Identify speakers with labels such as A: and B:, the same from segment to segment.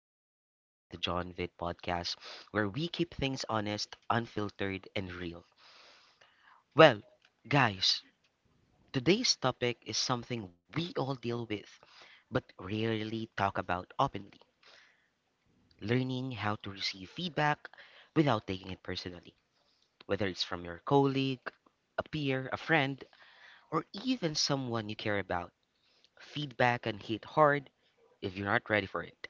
A: to the Real Talk with John Vitt podcast, where we keep things honest, unfiltered, and real. Well, guys, today's topic is something we all deal with, but rarely talk about openly learning how to receive feedback without taking it personally, whether it's from your colleague, a peer, a friend, or even someone you care about. Feedback can hit hard if you're not ready for it.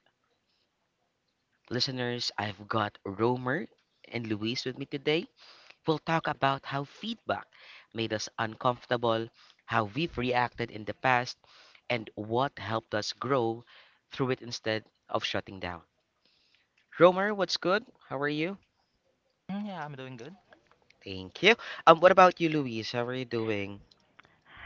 A: Listeners, I've got Romer and Luis with me today. We'll talk about how feedback made us uncomfortable, how we've reacted in the past, and what helped us grow through it instead of shutting down. Romer, what's good? How are you?
B: Yeah, I'm doing good.
A: Thank you. What about you, Luis? How are you doing?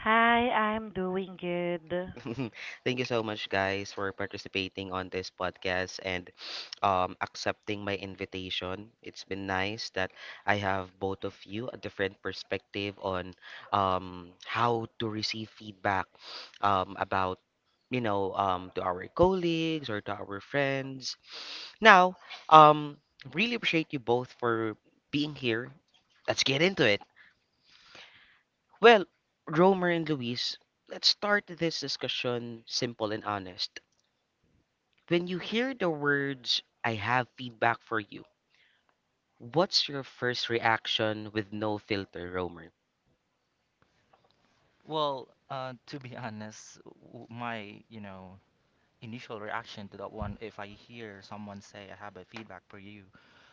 C: Hi, I'm doing good.
A: Thank you so much, guys, for participating on this podcast and accepting my invitation. It's been nice that I have both of you a different perspective on how to receive feedback about, to our colleagues or to our friends. Now, um, really appreciate you both for being here. Let's get into it. Well, Romer and Luis, let's start this discussion simple and honest. When you hear the words, I have feedback for you, what's your first reaction with no filter, Romer?
B: Well, to be honest, my initial reaction to that one, if I hear someone say I have a feedback for you,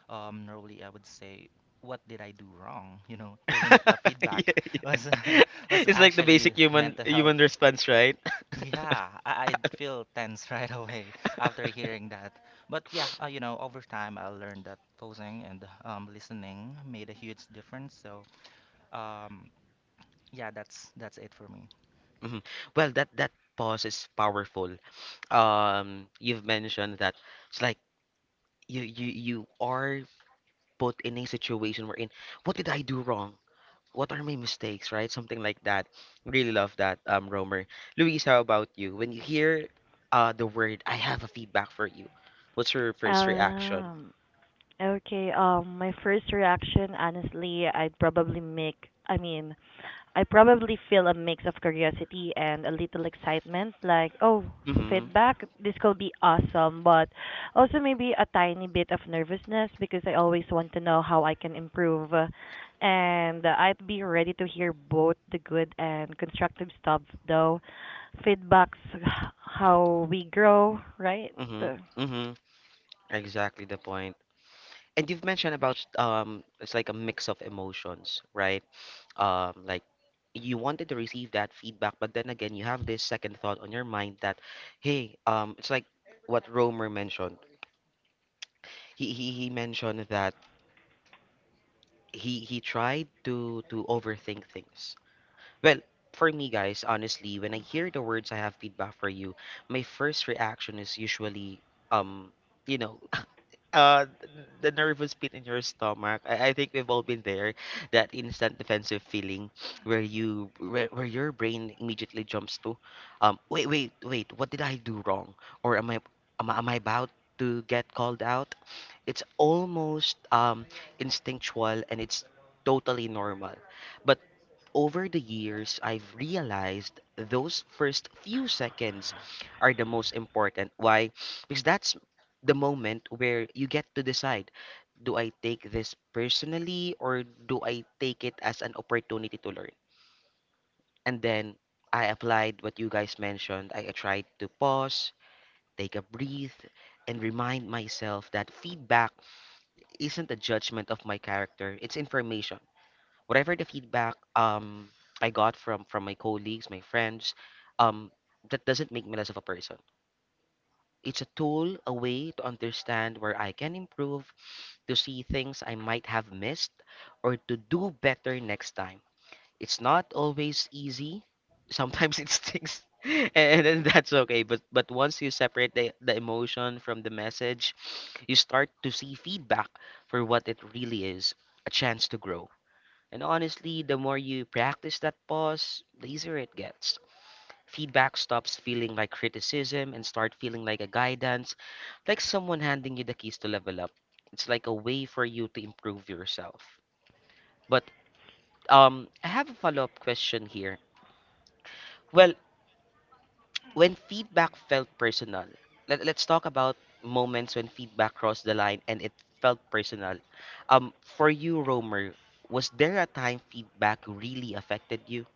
B: normally I would say, what did I do wrong? You know, even if the feedback
A: Yeah,
B: was
A: yeah.
B: was
A: It's like the basic
B: actually meant
A: human
B: to
A: human
B: help.
A: response, right?
B: Yeah, I'd feel tense right away after hearing that. But yeah, over time I learned that posing and listening made a huge difference. So, um, yeah, that's it for me.
A: Mhm. Well, that pause is powerful. You've mentioned that it's like you are put in a situation wherein, what did I do wrong? What are my mistakes, right? Something like that. Really love that, Romer. Luis, how about you? When you hear the word, I have a feedback for you. What's your first reaction?
C: Um, okay, my first reaction, honestly, I'd probably make, I mean, I probably feel a mix of curiosity and a little excitement, like, oh,
A: Mm-hmm.
C: feedback, this could be awesome, but also maybe a tiny bit of nervousness because I always want to know how I can improve. And I'd be ready to hear both the good and constructive stuff, though. Feedback's how we grow, right?
A: Mm-hmm. Mm-hmm. Exactly the point. And you've mentioned about it's like a mix of emotions, right? Like you wanted to receive that feedback, but then again you have this second thought on your mind that, hey, it's like what Romer mentioned. He mentioned that he tried to overthink things. Well, for me guys, honestly, when I hear the words I have feedback for you, my first reaction is usually um you know, uh the nervous pit in your stomach. I think we've all been there. That instant defensive feeling where your brain immediately jumps to wait, wait, wait, what did I do wrong? Or am I am I about to get called out? It's almost instinctual and it's totally normal. But over the years, I've realized those first few seconds are the most important. Why? Because that's the moment where you get to decide do I take this personally or do I take it as an opportunity to learn? And then I applied what you guys mentioned. I tried to pause, take a breath, and remind myself that feedback isn't a judgment of my character, it's information whatever the feedback I got from my colleagues, my friends, um that doesn't make me less of a person. It's a tool, a way to understand where I can improve, to see things I might have missed, or to do better next time. It's not always easy. Sometimes it stinks, and then that's okay. But once you separate the emotion from the message, you start to see feedback for what it really is, a chance to grow. And honestly, the more you practice that pause, the easier it gets. Feedback stops feeling like criticism and start feeling like a guidance, like someone handing you the keys to level up. It's like a way for you to improve yourself. But I have a follow-up question here. Well, when feedback felt personal, let's talk about moments when feedback crossed the line and it felt personal. For you, Romer, was there a time feedback really affected you?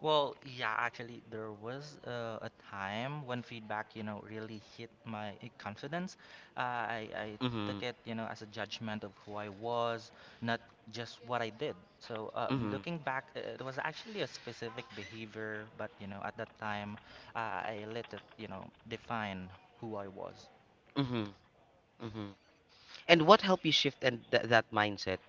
B: Well, yeah, actually, there was a time when feedback, you know, really hit my confidence. I
A: Mm-hmm.
B: took it, you know, as a judgment of who I was, not just what I did. So,
A: Mm-hmm.
B: looking back, it was actually a specific behavior, but, you know, at that time, uh, I let it, you know, define who I was.
A: Mm-hmm. Mm-hmm. And what helped you shift and th that mindset?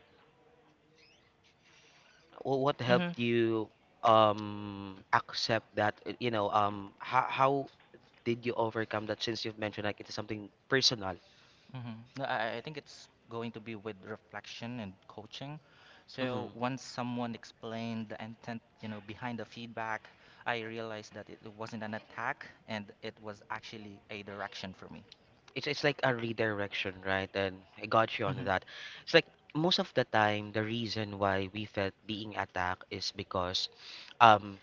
A: What
B: hmm
A: helped you accept that, you know, how did you overcome that since you've mentioned like it's something personal?
B: Mhm. No, I think it's going to be with reflection and coaching. So
A: Mm-hmm.
B: once someone explained the intent, you know, behind the feedback, I realized that it wasn't an attack and it was actually a direction for me.
A: It's like a redirection, right? And I got you on
B: Mhm.
A: that. It's like most of the time the reason why we felt being attacked is because um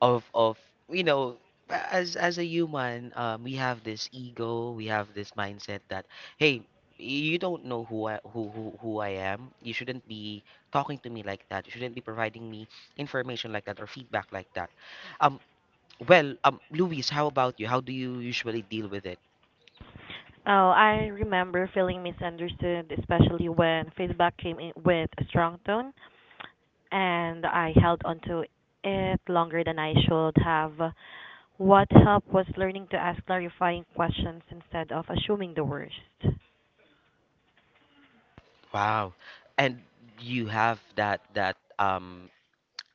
A: of you know as a human we have this ego, we have this mindset that hey, you don't know who I, who I am. You shouldn't be talking to me like that. You shouldn't be providing me information like that or feedback like that. um Luis, how about you? How do you usually deal with it?
C: Oh, I remember feeling misunderstood, especially when feedback came in with a strong tone, and I held onto it longer than I should have. What helped was learning to ask clarifying questions instead of assuming the worst.
A: Wow. And you have that that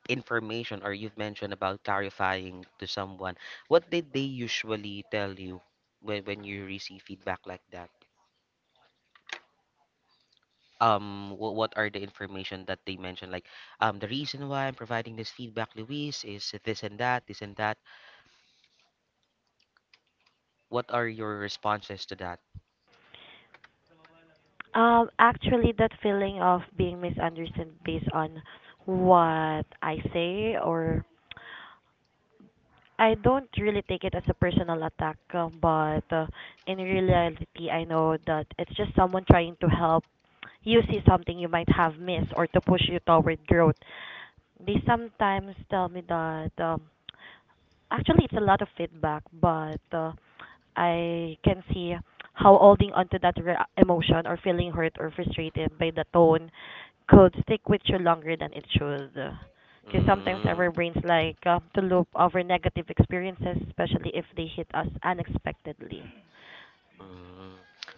A: information, or you've mentioned about clarifying to someone, what did they usually tell you when you receive feedback like that? What are the information that they mentioned? Like, the reason why I'm providing this feedback, Luis, is this and that, this and that. What are your responses to that?
C: Actually, that feeling of being misunderstood based on what I say or I don't really take it as a personal attack, but in reality, I know that it's just someone trying to help you see something you might have missed or to push you toward growth. They sometimes tell me that actually it's a lot of feedback, but I can see how holding onto that emotion or feeling hurt or frustrated by the tone could stick with you longer than it should. Because sometimes
A: Mm,
C: our brains to loop over negative experiences, especially if they hit us unexpectedly.
A: mm,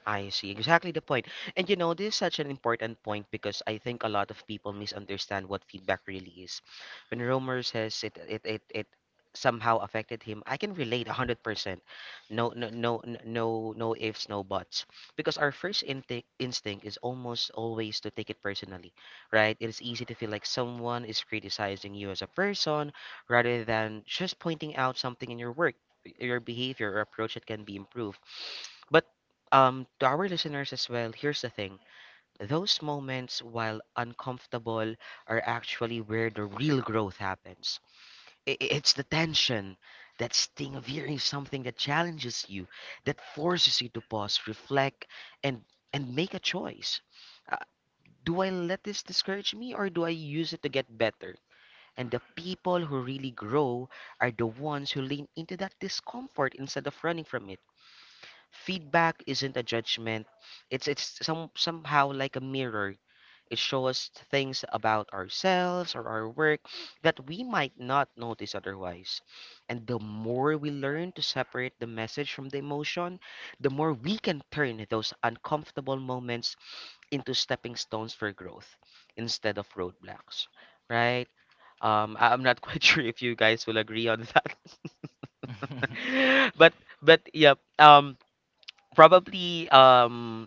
A: I see. Exactly the point. And you know, this is such an important point because I think a lot of people misunderstand what feedback really is. When Romer says it somehow affected him, I can relate 100%. No ifs, no buts. Because our first instinct is almost always to take it personally, right? It is easy to feel like someone is criticizing you as a person rather than just pointing out something in your work, your behavior or approach that can be improved. But to our listeners as well, here's the thing. Those moments, while uncomfortable, are actually where the real growth happens. It's the tension, that sting of hearing something that challenges you, that forces you to pause, reflect, and make a choice. Uh, do I let this discourage me, or do I use it to get better? And the people who really grow are the ones who lean into that discomfort instead of running from it. Feedback isn't a judgment. It's some Somehow like a mirror. It shows us things about ourselves or our work that we might not notice otherwise. And the more we learn to separate the message from the emotion, the more we can turn those uncomfortable moments into stepping stones for growth instead of roadblocks, right? I- I'm not quite sure if you guys will agree on that, but yeah. Probably, um,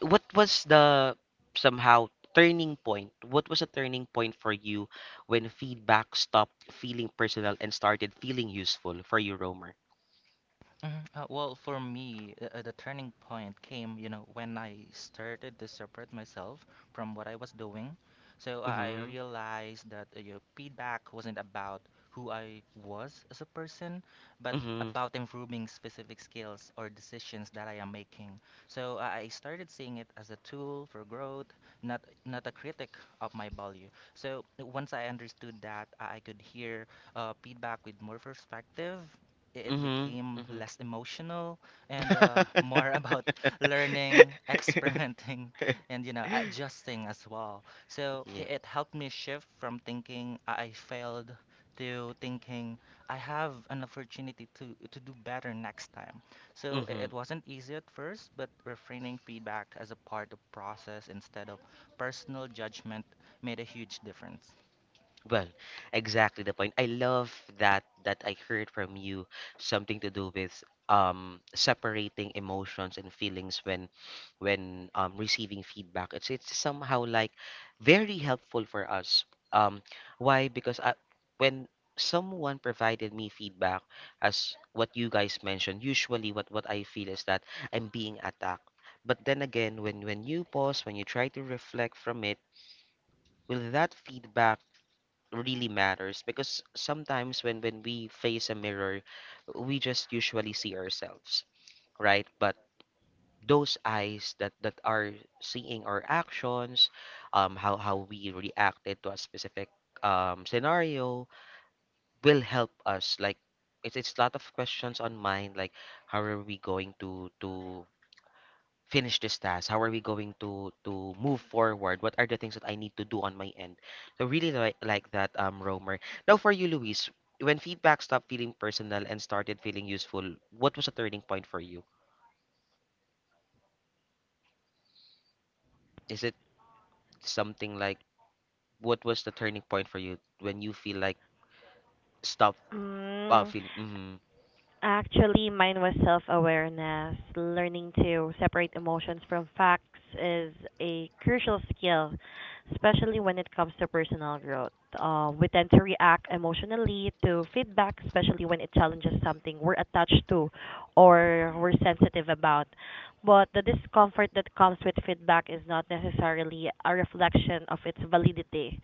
A: what was the somehow turning point? What was a turning point for you when feedback stopped feeling personal and started feeling useful for you, Romer?
B: Mhm. Well, for me, the turning point came, you know, when I started to separate myself from what I was doing. So I
A: Mm-hmm.
B: realized that your feedback wasn't about who I was as a person, but
A: Mm-hmm.
B: about improving specific skills or decisions that I am making. So I started seeing it as a tool for growth, not a critic of my value. So once I understood that, I could hear feedback with more perspective. It
A: Mm-hmm.
B: became
A: Mm-hmm.
B: less emotional and more about learning, experimenting, and you know, adjusting as well. So
A: Yeah.
B: it helped me shift from thinking I failed to thinking I have an opportunity to do better next time. So i-
A: Mm-hmm.
B: it wasn't easy at first, but refraining feedback as a part of process instead of personal judgment made a huge difference.
A: Well, exactly the point. I love that that I heard from you something to do with separating emotions and feelings when receiving feedback. It's somehow like very helpful for us. Um, why? When someone provided me feedback as what you guys mentioned, usually what I feel is that I'm being attacked. But then again, when you pause, when you try to reflect from it, will that feedback really matters? Because sometimes when we face a mirror we just usually see ourselves, right? But those eyes that that are seeing our actions, how we reacted to a specific scenario, will help us. Like, it's a lot of questions on mind, like how are we going to finish this task? How are we going to move forward? What are the things that I need to do on my end? So really like that, Romer. Now for you, Luis, when feedback stopped feeling personal and started feeling useful, what was a turning point for you? Is it something like, what was the turning point for you when you feel like stop uh,
C: Mm.
A: feel mm,
C: Actually, mine was self awareness. Learning to separate emotions from facts is a crucial skill, especially when it comes to personal growth. We tend to react emotionally to feedback, especially when it challenges something we're attached to or we're sensitive about. But the discomfort that comes with feedback is not necessarily a reflection of its validity.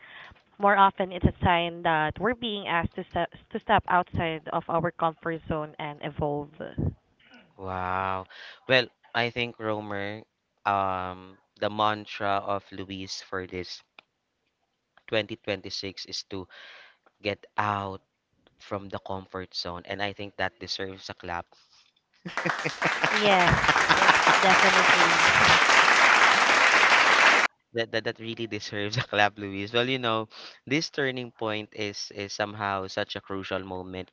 C: More often, it's a sign that we're being asked to step outside of our comfort zone and evolve.
A: wow. Well, I think Romer, the mantra of Luis for this 2026 is to get out from the comfort zone, and I think that deserves a clap.
C: Yes, definitely.
A: That really deserves a clap, Luis. Well, you know, this turning point is somehow such a crucial moment,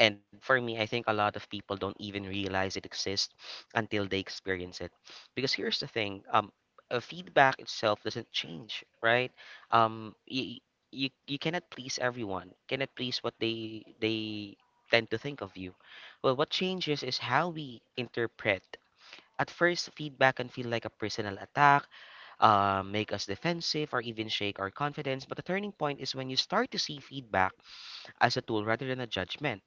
A: and for me I think a lot of people don't even realize it exists until they experience it. Because here's the thing, feedback itself doesn't change, right? um you, you you cannot please everyone, cannot please what they tend to think of you. Well, what changes is how we interpret. At first, feedback can feel like a personal attack, make us defensive, or even shake our confidence. But the turning point is when you start to see feedback as a tool rather than a judgment.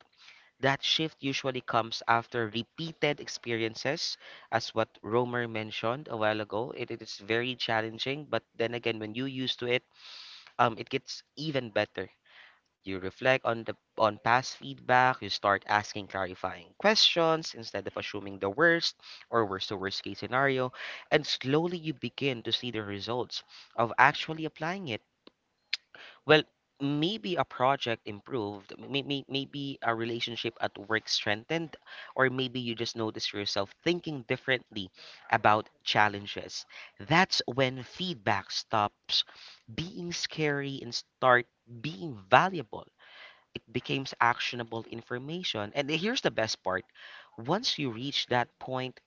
A: That shift usually comes after repeated experiences, as what Romer mentioned a while ago. It is very challenging, but then again, when you used to it, it gets even better. You reflect on the on past feedback. You start asking clarifying questions instead of assuming the worst or worst to worst case scenario, and slowly you begin to see the results of actually applying it. Well, maybe a project improved, maybe a relationship at work strengthened, or maybe you just notice yourself thinking differently about challenges. That's when feedback stops being scary and start being valuable. It becomes actionable information. And here's the best part. Once you reach that point,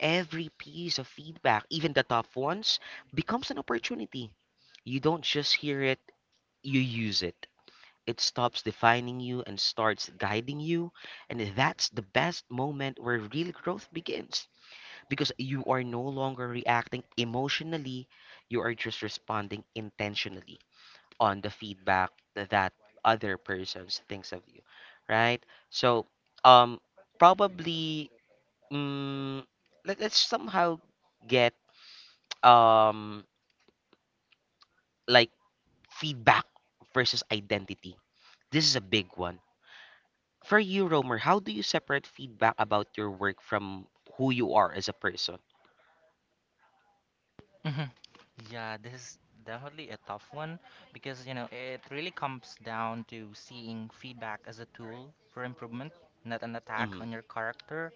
A: every piece of feedback, even the tough ones, becomes an opportunity. You don't just hear it, you use it. It stops defining you and starts guiding you. And that's the best moment where real growth begins, because you are no longer reacting emotionally, you are just responding intentionally on the feedback that other persons thinks of you, right? So, um, probably, mm, let's somehow get um like feedback versus identity. This is a big one. For you, Romer, how do you separate feedback about your work from who you are as a person?
B: Mhm. Yeah, this is definitely a tough one because, you know, it really comes down to seeing feedback as a tool for improvement, not an attack
A: Mm-hmm.
B: on your character.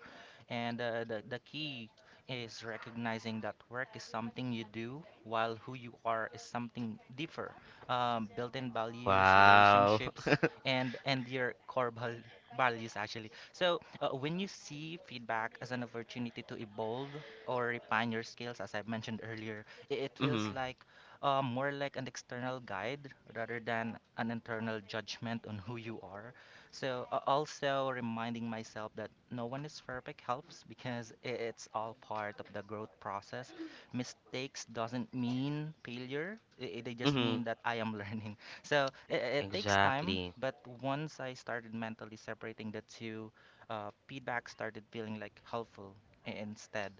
B: And the key is recognizing that work is something you do, while who you are is something differ. Built-in values,
A: Wow.
B: relationships, and your values actually. So when you see feedback as an opportunity to evolve or refine your skills, as I mentioned earlier, it feels
A: Mm-hmm.
B: like more like an external guide rather than an internal judgment on who you are. So also reminding myself that no one is perfect helps because it's all part of the growth process. Mistakes doesn't mean failure. They just mean
A: Mm-hmm.
B: that I am learning. So it takes time,
A: Exactly.
B: but once I started mentally separating the two, feedback started feeling like helpful instead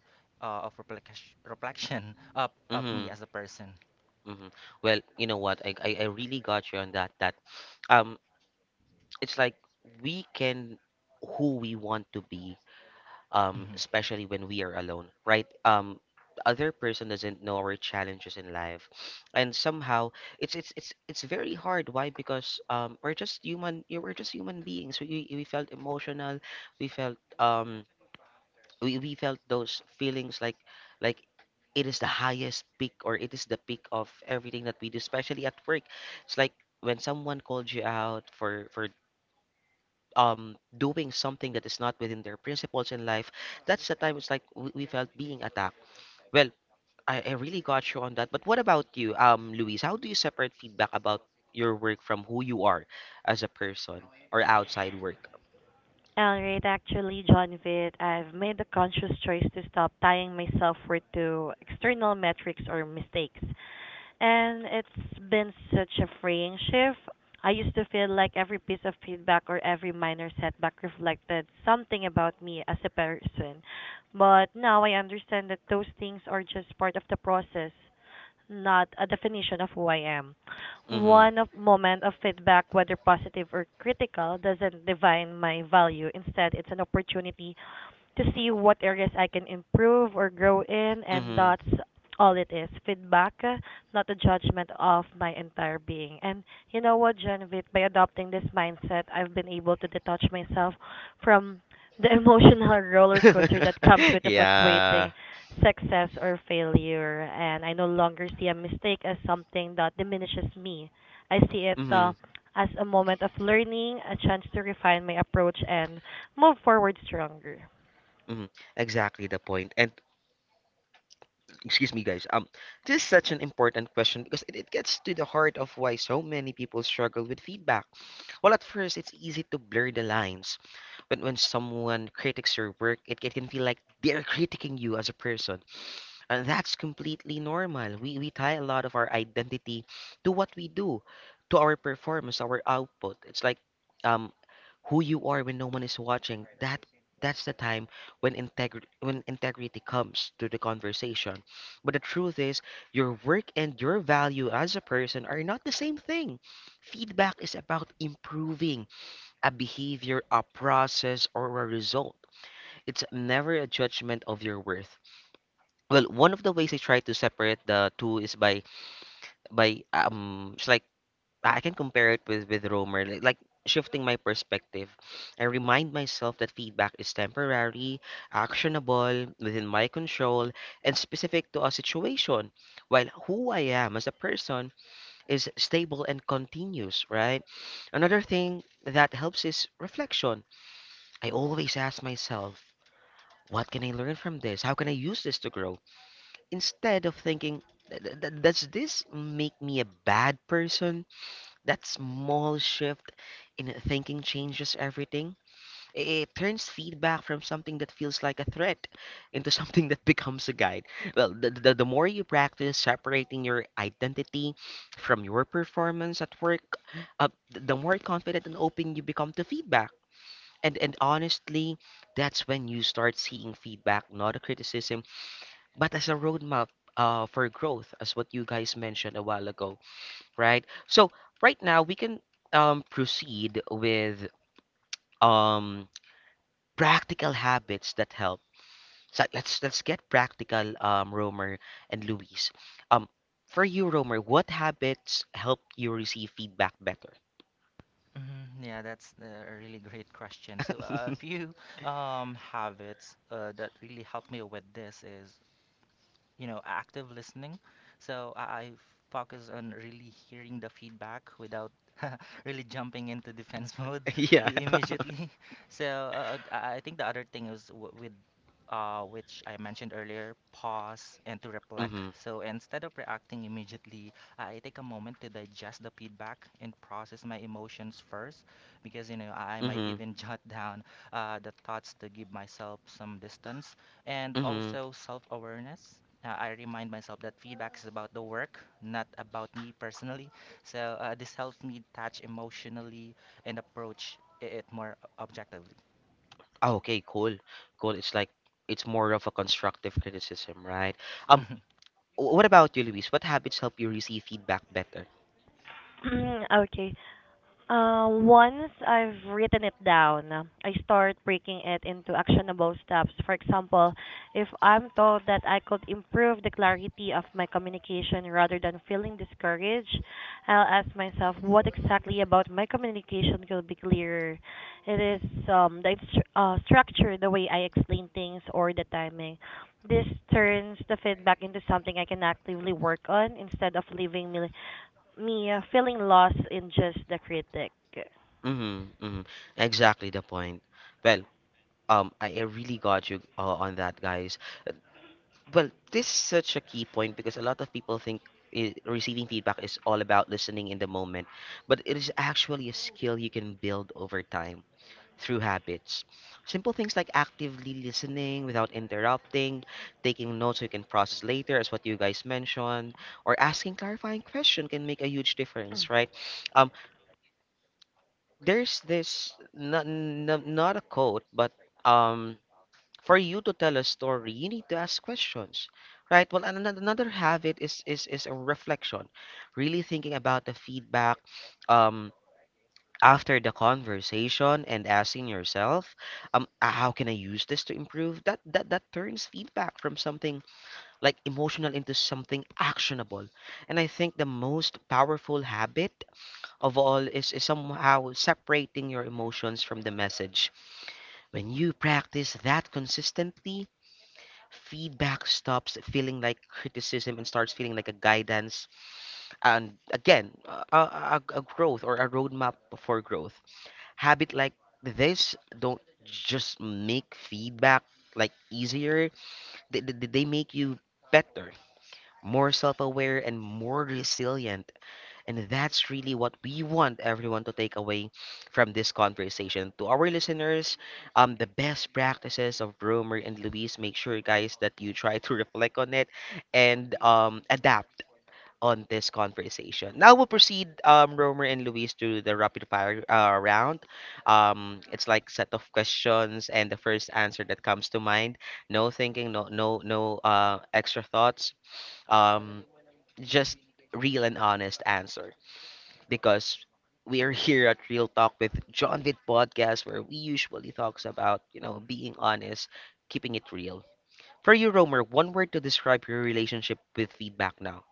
B: of reflection reflection of me
A: Mm-hmm.
B: as a person.
A: Hmm. Well, you know what? I really got you on that. Um, it's like we can who we want to be,
B: Mhm.
A: especially when we are alone, right? The other person doesn't know our challenges in life, and somehow it's very hard. Why? Because we're just human. You We're just human beings. We felt emotional. We felt we felt those feelings like like it is the highest peak, or it is the peak of everything that we do, especially at work. It's like when someone called you out for doing something that is not within their principles in life. That's the time it's like we felt being attacked. Well, I really got you on that, but what about you, um, Luis? How do you separate feedback about your work from who you are as a person, or outside work?
C: All right, actually, John Vitt, I've made a conscious choice to stop tying myself worth to external metrics or mistakes. And it's been such a freeing shift. I used to feel like every piece of feedback or every minor setback reflected something about me as a person. But now I understand that those things are just part of the process, not a definition of who I am.
A: Mm-hmm.
C: One of moment of feedback, whether positive or critical, doesn't define my value. Instead, it's an opportunity to see what areas I can improve or grow in, and
A: Mm-hmm.
C: that's all it is feedback, not a judgment of my entire being. And you know what, Genevieve, by adopting this mindset, I've been able to detach myself from the emotional roller coaster that comes with the
A: yeah.
C: fluctuating success or failure. And I no longer see a mistake as something that diminishes me. I see it
A: Mm-hmm.
C: as a moment of learning, a chance to refine my approach, and move forward stronger.
A: Mhm. Exactly the point. And excuse me, guys. This is such an important question because it gets to the heart of why so many people struggle with feedback. Well, at first, it's easy to blur the lines. When someone critiques your work, it can feel like they're critiquing you as a person. And that's completely normal. We tie a lot of our identity to what we do, to our performance, our output. It's like um, who you are when no one is watching. That's the time when integrity comes to the conversation. But the truth is, your work and your value as a person are not the same thing. Feedback is about improving a behavior, a process, or a result. It's never a judgment of your worth. Well, one of the ways I try to separate the two is by it's like I can compare it with Romer, shifting my perspective. I remind myself that feedback is temporary, actionable, within my control, and specific to a situation, while who I am as a person is stable and continuous, right? Another thing that helps is reflection. I always ask myself, what can I learn from this? How can I use this to grow? Instead of thinking, " does this make me a bad person?" That small shift in thinking changes everything. It turns feedback from something that feels like a threat into something that becomes a guide. Well, the more you practice separating your identity from your performance at work, the more confident and open you become to feedback. And honestly, that's when you start seeing feedback, not a criticism but as a roadmap for growth, as what you guys mentioned a while ago, right? So right now we can proceed with um, practical habits that help. So let's get practical, Romer and Luis. Um, for you, Romer, what habits help you receive feedback better?
B: Mhm, yeah, that's a really great question. So, a few habits that really helped me with this is you know active listening. so i, I focus on really hearing the feedback without really jumping into defense mode
A: yeah.
B: immediately. So I think the other thing is with which I mentioned earlier, pause and to reflect.
A: Mm-hmm.
B: So instead of reacting immediately, I take a moment to digest the feedback and process my emotions first, because you know I might
A: Mm-hmm.
B: even jot down the thoughts to give myself some distance and
A: Mm-hmm.
B: also self-awareness. I remind myself that feedback is about the work, not about me personally. So this helps me touch emotionally and approach it more objectively.
A: Oh, okay, cool. Cool. It's like it's more of a constructive criticism, right? Um,
B: Mhm.
A: What about you, Luis? What habits help you receive feedback better?
C: Okay. Once I've written it down, I start breaking it into actionable steps. For example, if I'm told that I could improve the clarity of my communication rather than feeling discouraged, I'll ask myself what exactly about my communication could be clearer. It is the structure, the way I explain things, or the timing. This turns the feedback into something I can actively work on instead of leaving me feeling lost in just the critic.
A: Mm-hmm, mm-hmm. Exactly the point. Well, I really got you on that, guys. Well, this is such a key point because a lot of people think I receiving feedback is all about listening in the moment, but it is actually a skill you can build over time through habits. Simple things like actively listening without interrupting, taking notes so you can process later, as what you guys mentioned, or asking clarifying question can make a huge difference, right? Um, there's this not a quote, but um, for you to tell a story, you need to ask questions. Right. Well, and another habit is a reflection, really thinking about the feedback, um, after the conversation and asking yourself, "Ah, how can I use this to improve?" That turns feedback from something like emotional into something actionable. And I think the most powerful habit of all is somehow separating your emotions from the message. When you practice that consistently, feedback stops feeling like criticism and starts feeling like a guidance, and again a growth or a roadmap for growth. Habit like this don't just make feedback like easier, they make you better, more self-aware and more resilient. And that's really what we want everyone to take away from this conversation. To our listeners, um, the best practices of Romer and Luis, make sure, guys, that you try to reflect on it and adapt on this conversation. Now we'll proceed, Romer and Luis, to the rapid fire round. It's like set of questions and the first answer that comes to mind. No thinking, no extra thoughts. Um, just real and honest answer, because we are here at Real Talk with John Vid Podcast, where we usually talks about you know being honest, keeping it real. For you, Romer, one word to describe your relationship with feedback now.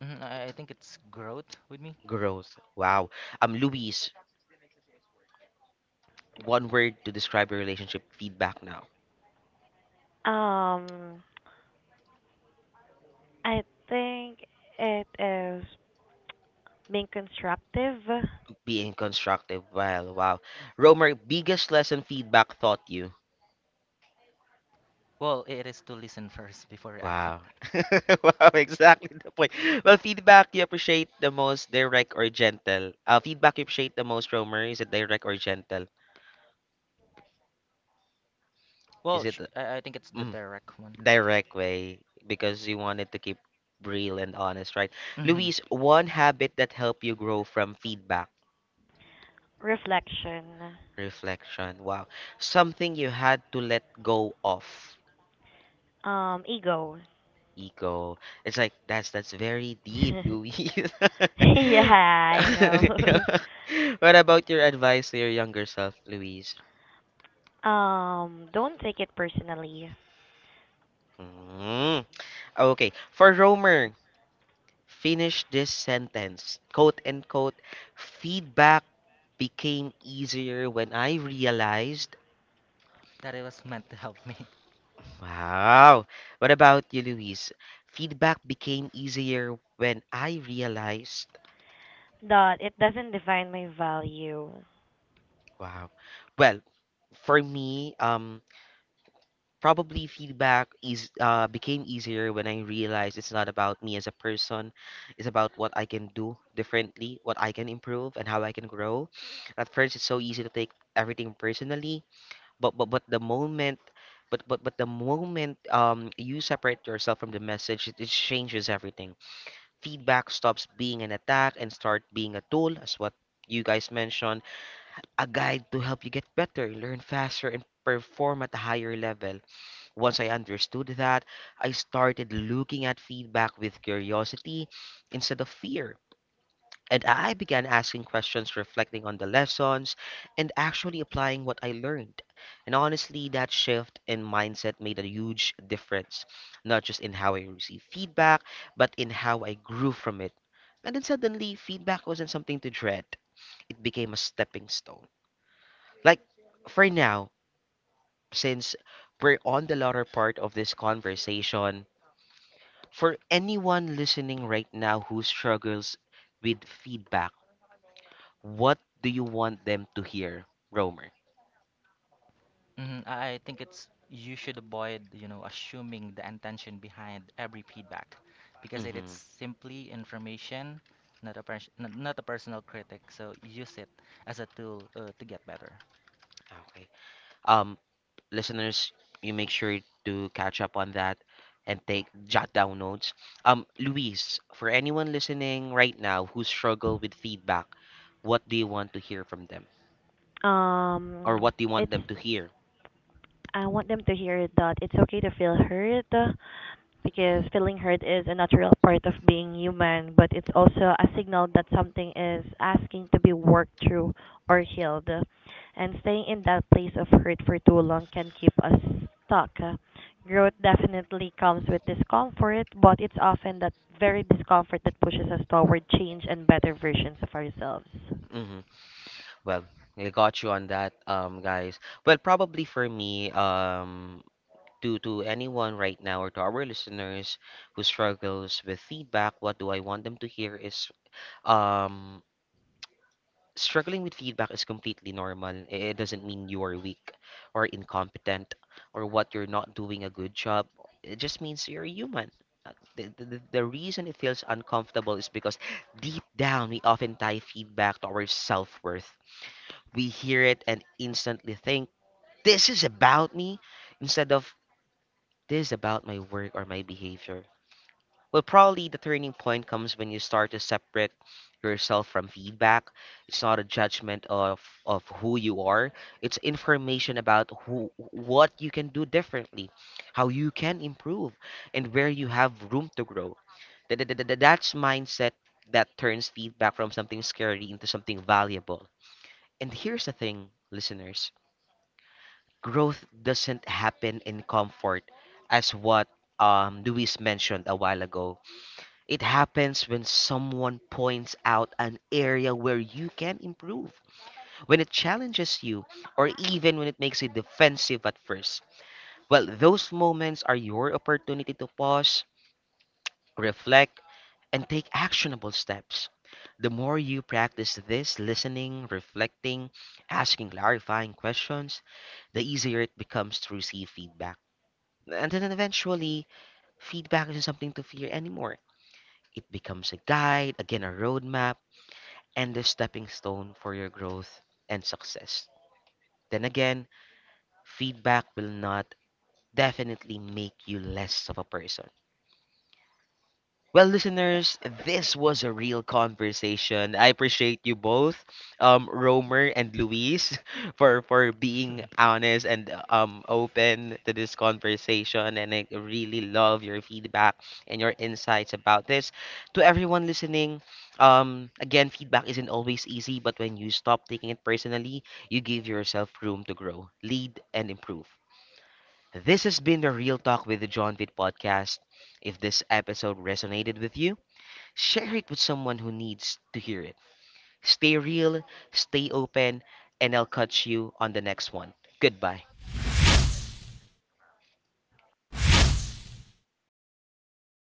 B: Mhm, I think it's growth with me.
A: Growth. Wow. Luis, one word to describe your relationship feedback now.
C: Um, I think it is being constructive,
A: Being constructive. Well, wow. Romer, biggest lesson feedback taught you.
B: Well, it is to listen first before reacting.
A: Wow. wow, exactly the point. Well, feedback you appreciate the most, direct or gentle? Feedback you appreciate the most, Romer, is it direct or gentle? Is
B: Well,
A: it
B: I think it's the
A: mm,
B: direct one.
A: direct way? Because you wanted to keep real and honest, right?
B: hmm
A: Luis, one habit that helped you grow from feedback.
C: reflection,
A: Reflection. Wow. Something you had to let go of.
C: ego.
A: Ego. It's like that's very deep, Louis.
C: Yeah, I
A: Yeah.
C: know.
A: What about your advice to your younger self, Louise?
C: Um, don't take it personally.
A: Mm. Okay. For Romer, finish this sentence. Quote and quote. Feedback became easier when I realized.
B: That it was meant to help me.
A: Wow. What about you, Luis? Feedback became easier when I realized.
C: That it doesn't define my value.
A: Wow. Well, for me, probably feedback is became easier when I realized it's not about me as a person, it's about what I can do differently, what I can improve, and how I can grow. At first, it's so easy to take everything personally, but but but the moment. But the moment you separate yourself from the message, it changes everything. Feedback stops being an attack and start being a tool, as what you guys mentioned, a guide to help you get better, learn faster, and perform at a higher level. Once I understood that, I started looking at feedback with curiosity instead of fear. And I began asking questions, reflecting on the lessons, and actually applying what I learned. And honestly, that shift in mindset made a huge difference, not just in how I received feedback, but in how I grew from it. And then suddenly, feedback wasn't something to dread, it became a stepping stone. Like, for now, since we're on the latter part of this conversation, for anyone listening right now who struggles with feedback, what do you want them to hear, Romer?
B: I think it's you should avoid, you know, assuming the intention behind every feedback because it is
A: Mm-hmm.
B: simply information, not not a personal critic. So use it as a tool to get better.
A: Okay. Um, listeners, you make sure to catch up on that and take jot down notes. Luis, for anyone listening right now who struggle with feedback, what do you want to hear from them, or
C: Um,
A: what do you want
C: it's
A: them to hear?
C: I want them to hear that it's okay to feel hurt. Because feeling hurt is a natural part of being human, but it's also a signal that something is asking to be worked through or healed. And staying in that place of hurt for too long can keep us stuck. Growth definitely comes with discomfort, but it's often that very discomfort that pushes us toward change and better versions of ourselves.
A: Mm-hmm. Well, I got you on that, guys. Well, probably for me, to anyone right now or to our listeners who struggles with feedback, what do I want them to hear is um, struggling with feedback is completely normal. It doesn't mean you are weak or incompetent or what you're not doing a good job. It just means you're human. The reason it feels uncomfortable is because deep down we often tie feedback to our self worth. We hear it and instantly think, this is about me, instead of this is about my work or my behavior. Well, probably the turning point comes when you start to separate yourself from feedback. It's not a judgment of who you are. It's information about who what you can do differently, how you can improve, and where you have room to grow. That's mindset that turns feedback from something scary into something valuable. And here's the thing, listeners. Growth doesn't happen in comfort, as what Luis mentioned a while ago. It happens when someone points out an area where you can improve, when it challenges you, or even when it makes you defensive at first. Well, those moments are your opportunity to pause, reflect, and take actionable steps. The more you practice this listening, reflecting, asking clarifying questions, the easier it becomes to receive feedback. And then eventually, feedback isn't something to fear anymore. It becomes a guide, again, a roadmap and the stepping stone for your growth and success. Then again, feedback will not definitely make you less of a person. Well, listeners, this was a real conversation. I appreciate you both, Romer and Luis, for being honest and open to this conversation. And I really love your feedback and your insights about this. To everyone listening, again, feedback isn't always easy, but when you stop taking it personally, you give yourself room to grow, lead, and improve. This has been the Real Talk with the John Vitt podcast. If this episode resonated with you, share it with someone who needs to hear it. Stay real, stay open, and I'll catch you on the next one. Goodbye.